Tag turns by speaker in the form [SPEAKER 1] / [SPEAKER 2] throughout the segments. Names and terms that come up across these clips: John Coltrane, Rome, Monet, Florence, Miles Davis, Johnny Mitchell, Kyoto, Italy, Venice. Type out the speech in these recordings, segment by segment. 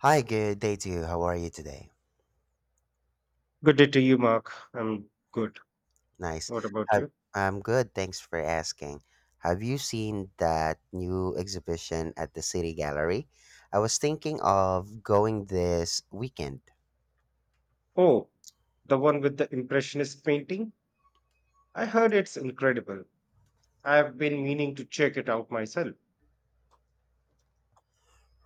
[SPEAKER 1] Hi, good day to you. How are you today?
[SPEAKER 2] Good day to you, Mark. I'm good.
[SPEAKER 1] Nice.
[SPEAKER 2] What about
[SPEAKER 1] Have,
[SPEAKER 2] you?
[SPEAKER 1] I'm good. Thanks for asking. Have you seen that new exhibition at the City Gallery? I was thinking of going this weekend.
[SPEAKER 2] Oh, the one with the Impressionist painting? I heard it's incredible. I've been meaning to check it out myself.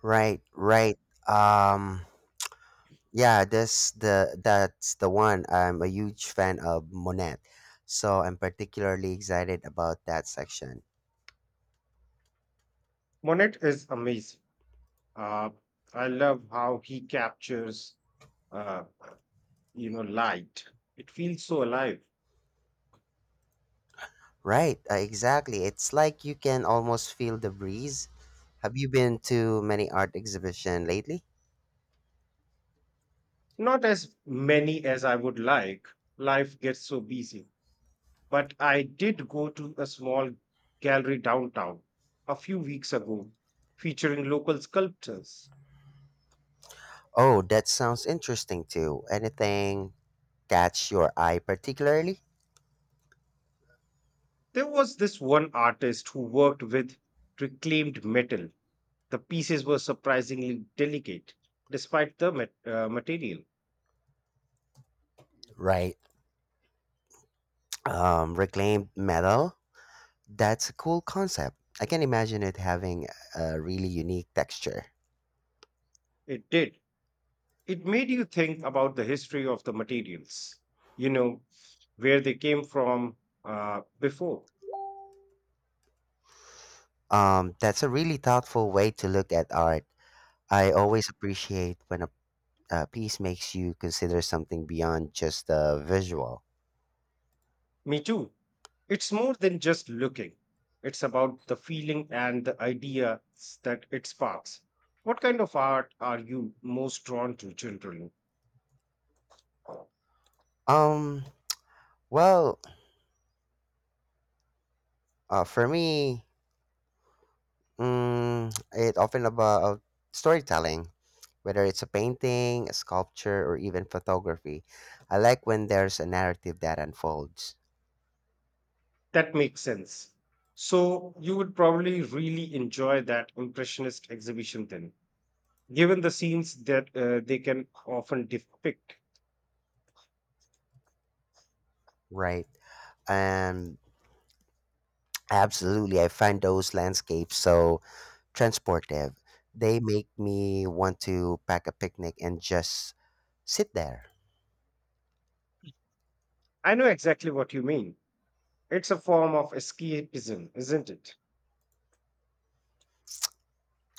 [SPEAKER 1] Right, right. Um, yeah, this the that's the one. I'm a huge fan of Monet, so I'm particularly excited about that section.
[SPEAKER 2] Monet is amazing. Uh, I love how he captures, uh, light. It feels so alive.
[SPEAKER 1] Right, exactly. It's like you can almost feel the breeze. Have you been to many art exhibition lately?
[SPEAKER 2] Not as many as I would like. Life gets so busy. But I did go to a small gallery downtown a few weeks ago featuring local sculptors.
[SPEAKER 1] Oh, that sounds interesting too. Anything catch your eye particularly?
[SPEAKER 2] There was this one artist who worked with reclaimed metal. The pieces were surprisingly delicate, despite the material.
[SPEAKER 1] Right. Reclaimed metal. That's a cool concept. I can imagine it having a really unique texture.
[SPEAKER 2] It did. It made you think about the history of the materials, you know, where they came from before.
[SPEAKER 1] That's a really thoughtful way to look at art. I always appreciate when a piece makes you consider something beyond just the visual.
[SPEAKER 2] Me too. It's more than just looking, it's about the feeling and the ideas that it sparks. What kind of art are you most drawn to, generally?
[SPEAKER 1] Um, Well, for me, mm, it often about storytelling, whether it's a painting, a sculpture, or even photography. I like when there's a narrative that unfolds,
[SPEAKER 2] That makes sense. So you would probably really enjoy that impressionist exhibition then, given the scenes that they can often depict.
[SPEAKER 1] right? And absolutely, I find those landscapes so transportive. They make me want to pack a picnic and just sit there.
[SPEAKER 2] I know exactly what you mean. It's a form of escapism, isn't it?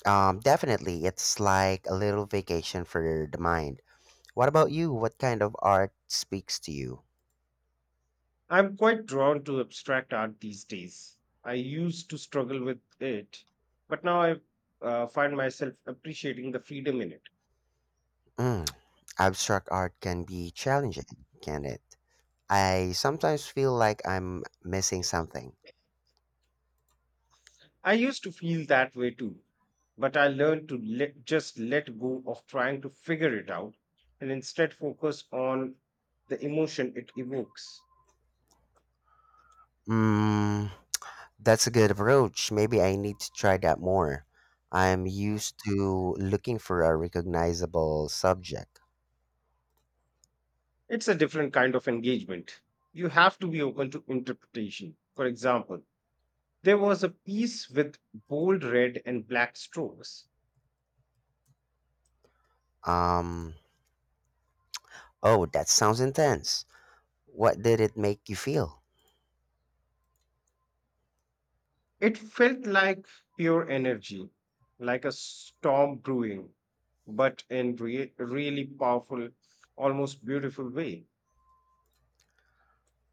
[SPEAKER 1] Definitely, it's like a little vacation for the mind. What about you? What kind of art speaks to you?
[SPEAKER 2] I'm quite drawn to abstract art these days. I used to struggle with it, but now I find myself appreciating the freedom in it.
[SPEAKER 1] Mm. Abstract art can be challenging, can it? I sometimes feel like I'm missing something.
[SPEAKER 2] I used to feel that way too, but I learned to just let go of trying to figure it out and instead focus on the emotion it evokes.
[SPEAKER 1] Mm, that's a good approach. Maybe I need to try that more. I'm used to looking for a recognizable subject.
[SPEAKER 2] It's a different kind of engagement. You have to be open to interpretation. For example, there was a piece with bold red and black strokes.
[SPEAKER 1] Um, oh, that sounds intense. What did it make you feel?
[SPEAKER 2] It felt like pure energy, like a storm brewing, but in really powerful, almost beautiful way.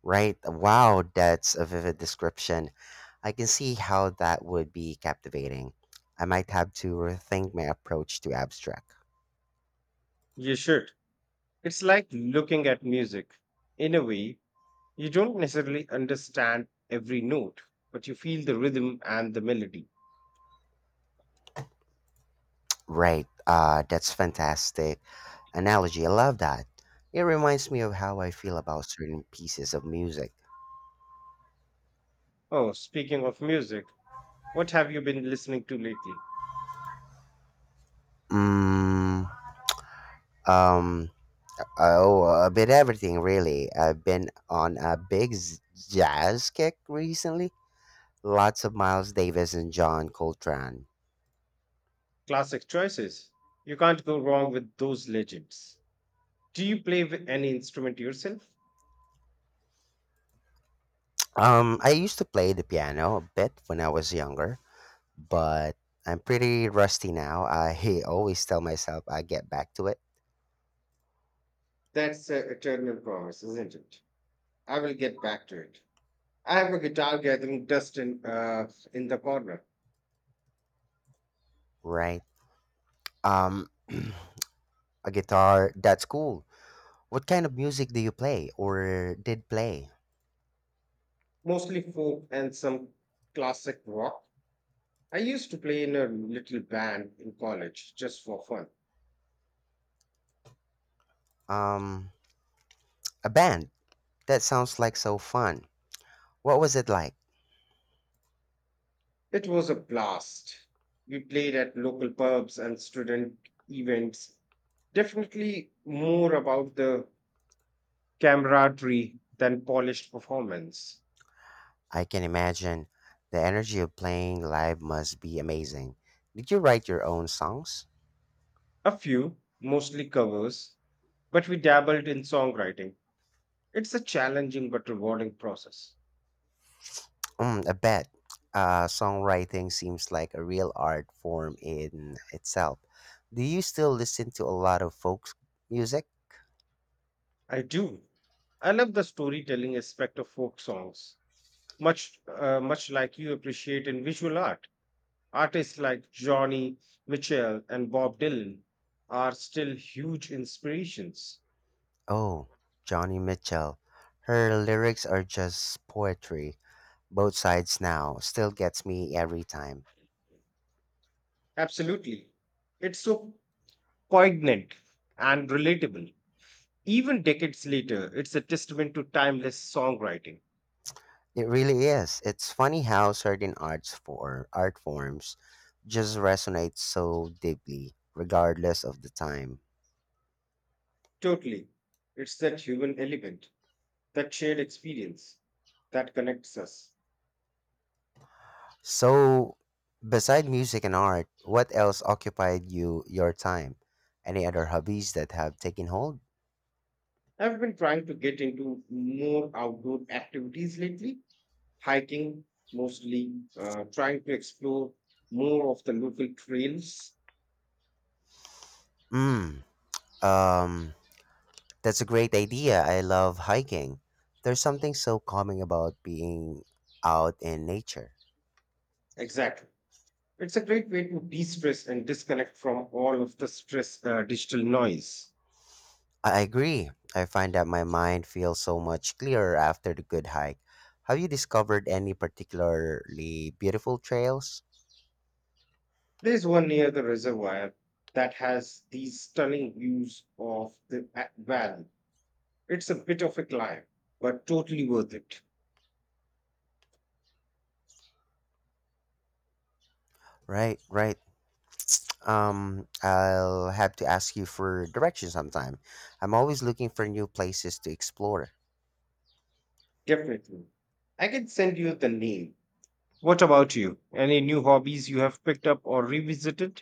[SPEAKER 1] Right? Wow, that's a vivid description. I can see how that would be captivating. I might have to rethink my approach to abstract.
[SPEAKER 2] You should. It's like looking at music. In a way, you don't necessarily understand every note, but you feel the rhythm and the melody.
[SPEAKER 1] Right. That's fantastic analogy. I love that. It reminds me of how I feel about certain pieces of music.
[SPEAKER 2] Oh, speaking of music, what have you been listening to lately?
[SPEAKER 1] Mm, um, oh, a bit everything really. I've been on a big jazz kick recently. Lots of Miles Davis and John Coltrane.
[SPEAKER 2] Classic choices. You can't go wrong with those legends. Do you play with any instrument yourself?
[SPEAKER 1] I used to play the piano a bit when I was younger, but I'm pretty rusty now. I always tell myself I get back to it.
[SPEAKER 2] That's an eternal promise, isn't it? I will get back to it. I have a guitar gathering dust in the corner,
[SPEAKER 1] Right. Um, a guitar. That's cool. What kind of music do you play or did play?
[SPEAKER 2] mostly folk and some classic rock. I used to play in a little band in college just for fun.
[SPEAKER 1] Um, a band. That sounds like so fun. What was it like?
[SPEAKER 2] It was a blast. We played at local pubs and student events. Definitely more about the camaraderie than polished performance.
[SPEAKER 1] I can imagine. The energy of playing live must be amazing. Did you write your own songs?
[SPEAKER 2] A few, mostly covers, but we dabbled in songwriting. It's a challenging but rewarding process.
[SPEAKER 1] Mm, I bet. Songwriting seems like a real art form in itself. Do you still listen to a lot of folk music?
[SPEAKER 2] I do. I love the storytelling aspect of folk songs, much like you appreciate in visual art. Artists like Johnny Mitchell and Bob Dylan are still huge inspirations.
[SPEAKER 1] Oh, Johnny Mitchell. Her lyrics are just poetry. Both sides now still gets me every time.
[SPEAKER 2] Absolutely. It's so poignant and relatable. Even decades later, it's a testament to timeless songwriting.
[SPEAKER 1] It really is. It's funny how certain art forms just resonate so deeply, regardless of the time.
[SPEAKER 2] Totally. It's that human element, that shared experience that connects us.
[SPEAKER 1] So, beside music and art, what else occupied your time? Any other hobbies that have taken hold?
[SPEAKER 2] I've been trying to get into more outdoor activities lately, hiking mostly, trying to explore more of the local trails.
[SPEAKER 1] Mm, um, that's a great idea. I love hiking. There's something so calming about being out in nature.
[SPEAKER 2] Exactly. It's a great way to de stress and disconnect from all of the digital noise.
[SPEAKER 1] I agree. I find that my mind feels so much clearer after the good hike. Have you discovered any particularly beautiful trails?
[SPEAKER 2] There's one near the reservoir that has these stunning views of the valley. It's a bit of a climb, but totally worth it.
[SPEAKER 1] Right, right. I'll have to ask you for direction sometime. I'm always looking for new places to explore.
[SPEAKER 2] Definitely. I can send you the name. What about you? Any new hobbies you have picked up or revisited?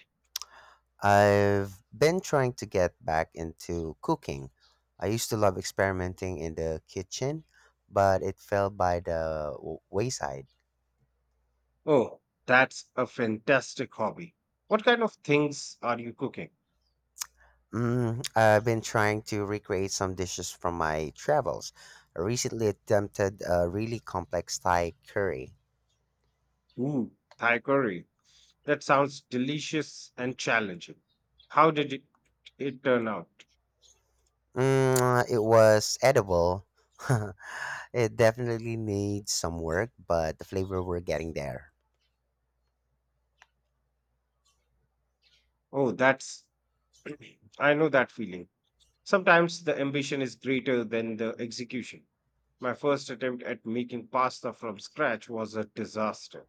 [SPEAKER 1] I've been trying to get back into cooking. I used to love experimenting in the kitchen, but it fell by the wayside.
[SPEAKER 2] Oh, that's a fantastic hobby. What kind of things are you cooking?
[SPEAKER 1] I've been trying to recreate some dishes from my travels. I recently attempted a really complex Thai curry.
[SPEAKER 2] Ooh, Thai curry. That sounds delicious and challenging. How did it turn out?
[SPEAKER 1] It was edible, it definitely needs some work, but the flavor we're getting there.
[SPEAKER 2] Oh, that's. I know that feeling. Sometimes the ambition is greater than the execution. My first attempt at making pasta from scratch was a disaster.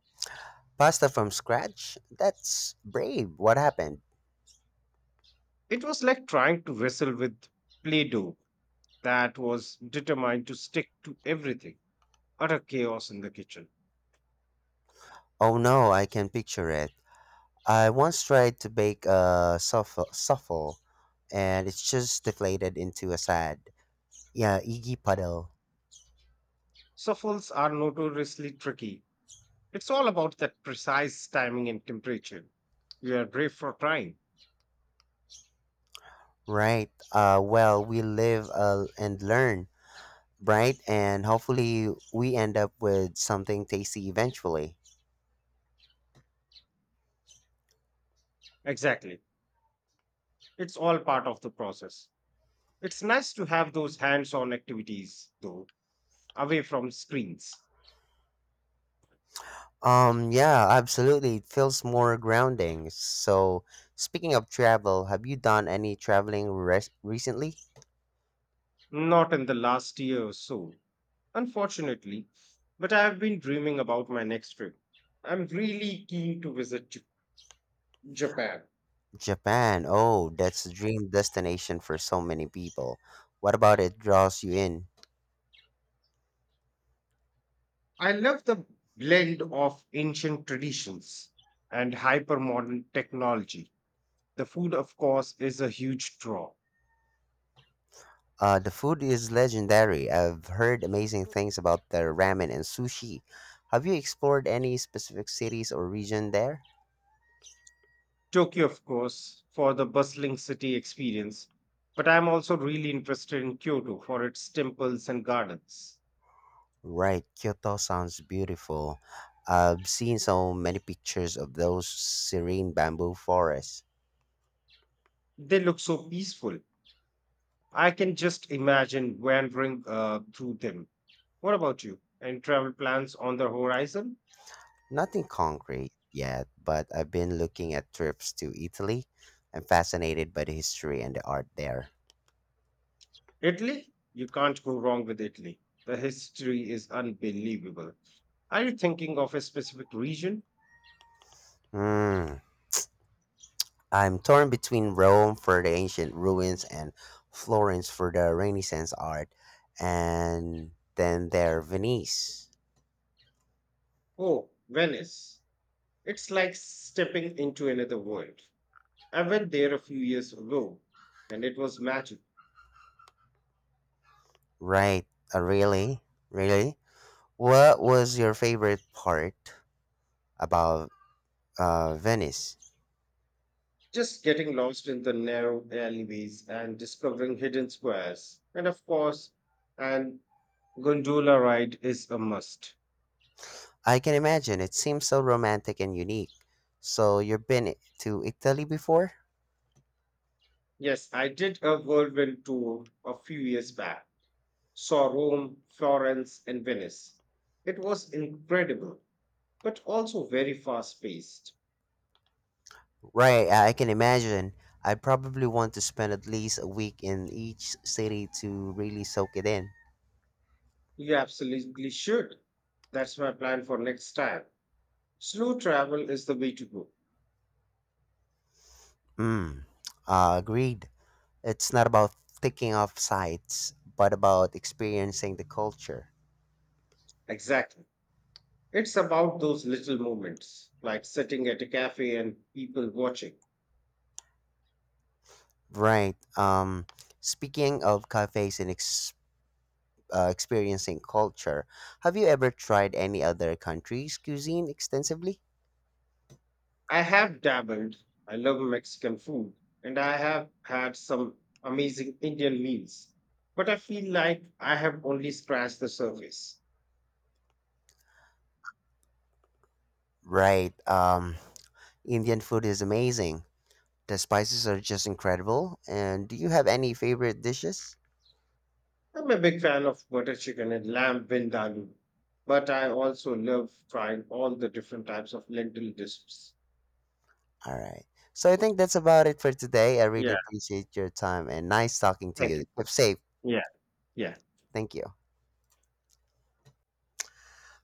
[SPEAKER 1] Pasta from scratch? That's brave. What happened?
[SPEAKER 2] It was like trying to wrestle with Play Doh that was determined to stick to everything, utter chaos in the kitchen.
[SPEAKER 1] Oh no, I can picture it. I once tried to bake a suffle and it's just deflated into a sad, yeah, eggy puddle.
[SPEAKER 2] Souffles are notoriously tricky. It's all about that precise timing and temperature. You are brave for trying.
[SPEAKER 1] Right. Well, we live and learn, right? And hopefully we end up with something tasty eventually.
[SPEAKER 2] Exactly. It's all part of the process. It's nice to have those hands on activities, though, away from screens.
[SPEAKER 1] Yeah, absolutely. It feels more grounding. So, speaking of travel, have you done any traveling recently?
[SPEAKER 2] Not in the last year or so, unfortunately, but I have been dreaming about my next trip. I'm really keen to visit Japan.
[SPEAKER 1] Japan. Oh, that's a dream destination for so many people. What about it draws you in?
[SPEAKER 2] I love the blend of ancient traditions and hypermodern technology. The food, of course, is a huge draw.
[SPEAKER 1] The food is legendary. I've heard amazing things about their ramen and sushi. Have you explored any specific cities or region there?
[SPEAKER 2] Tokyo, of course, for the bustling city experience, but I'm also really interested in Kyoto for its temples and gardens.
[SPEAKER 1] Right, Kyoto sounds beautiful. I've seen so many pictures of those serene bamboo forests.
[SPEAKER 2] They look so peaceful. I can just imagine wandering through them. What about you? Any travel plans on the horizon?
[SPEAKER 1] Nothing concrete yet, but I've been looking at trips to Italy. I'm fascinated by the history and the art there.
[SPEAKER 2] Italy? You can't go wrong with Italy. The history is unbelievable. Are you thinking of a specific region?
[SPEAKER 1] Hmm. I'm torn between Rome for the ancient ruins and Florence for the Renaissance art, and then there Venice.
[SPEAKER 2] Oh, Venice. It's like stepping into another world. I went there a few years ago and it was magic.
[SPEAKER 1] Right? Uh, really? Really? What was your favorite part about Venice?
[SPEAKER 2] Just getting lost in the narrow alleyways and discovering hidden squares. And of course, an gondola ride is a must.
[SPEAKER 1] I can imagine it seems so romantic and unique. So you've been to Italy before?
[SPEAKER 2] Yes, I did a whirlwind tour a few years back. Saw Rome, Florence, and Venice. It was incredible, but also very fast paced.
[SPEAKER 1] Right, I can imagine. I'd probably want to spend at least a week in each city to really soak it in.
[SPEAKER 2] You absolutely should. That's my plan for next time. Slow travel is the way to go.
[SPEAKER 1] Mm, agreed. It's not about ticking off sites, but about experiencing the culture.
[SPEAKER 2] Exactly. It's about those little moments, like sitting at a cafe and people watching.
[SPEAKER 1] Right. Speaking of cafes and experiencing culture, have you ever tried any other country's cuisine extensively?
[SPEAKER 2] I have dabbled. I love Mexican food, and I have had some amazing Indian meals. But I feel like I have only scratched the surface.
[SPEAKER 1] Right. Indian food is amazing. The spices are just incredible. And do you have any favorite dishes?
[SPEAKER 2] I'm a big fan of butter chicken and lamb vindaloo, but I also love trying all the different types of lentil dishes.
[SPEAKER 1] All right. So I think that's about it for today. I really appreciate your time and nice talking to
[SPEAKER 2] Thank you.
[SPEAKER 1] you. Keep safe.
[SPEAKER 2] Yeah, yeah.
[SPEAKER 1] Thank you.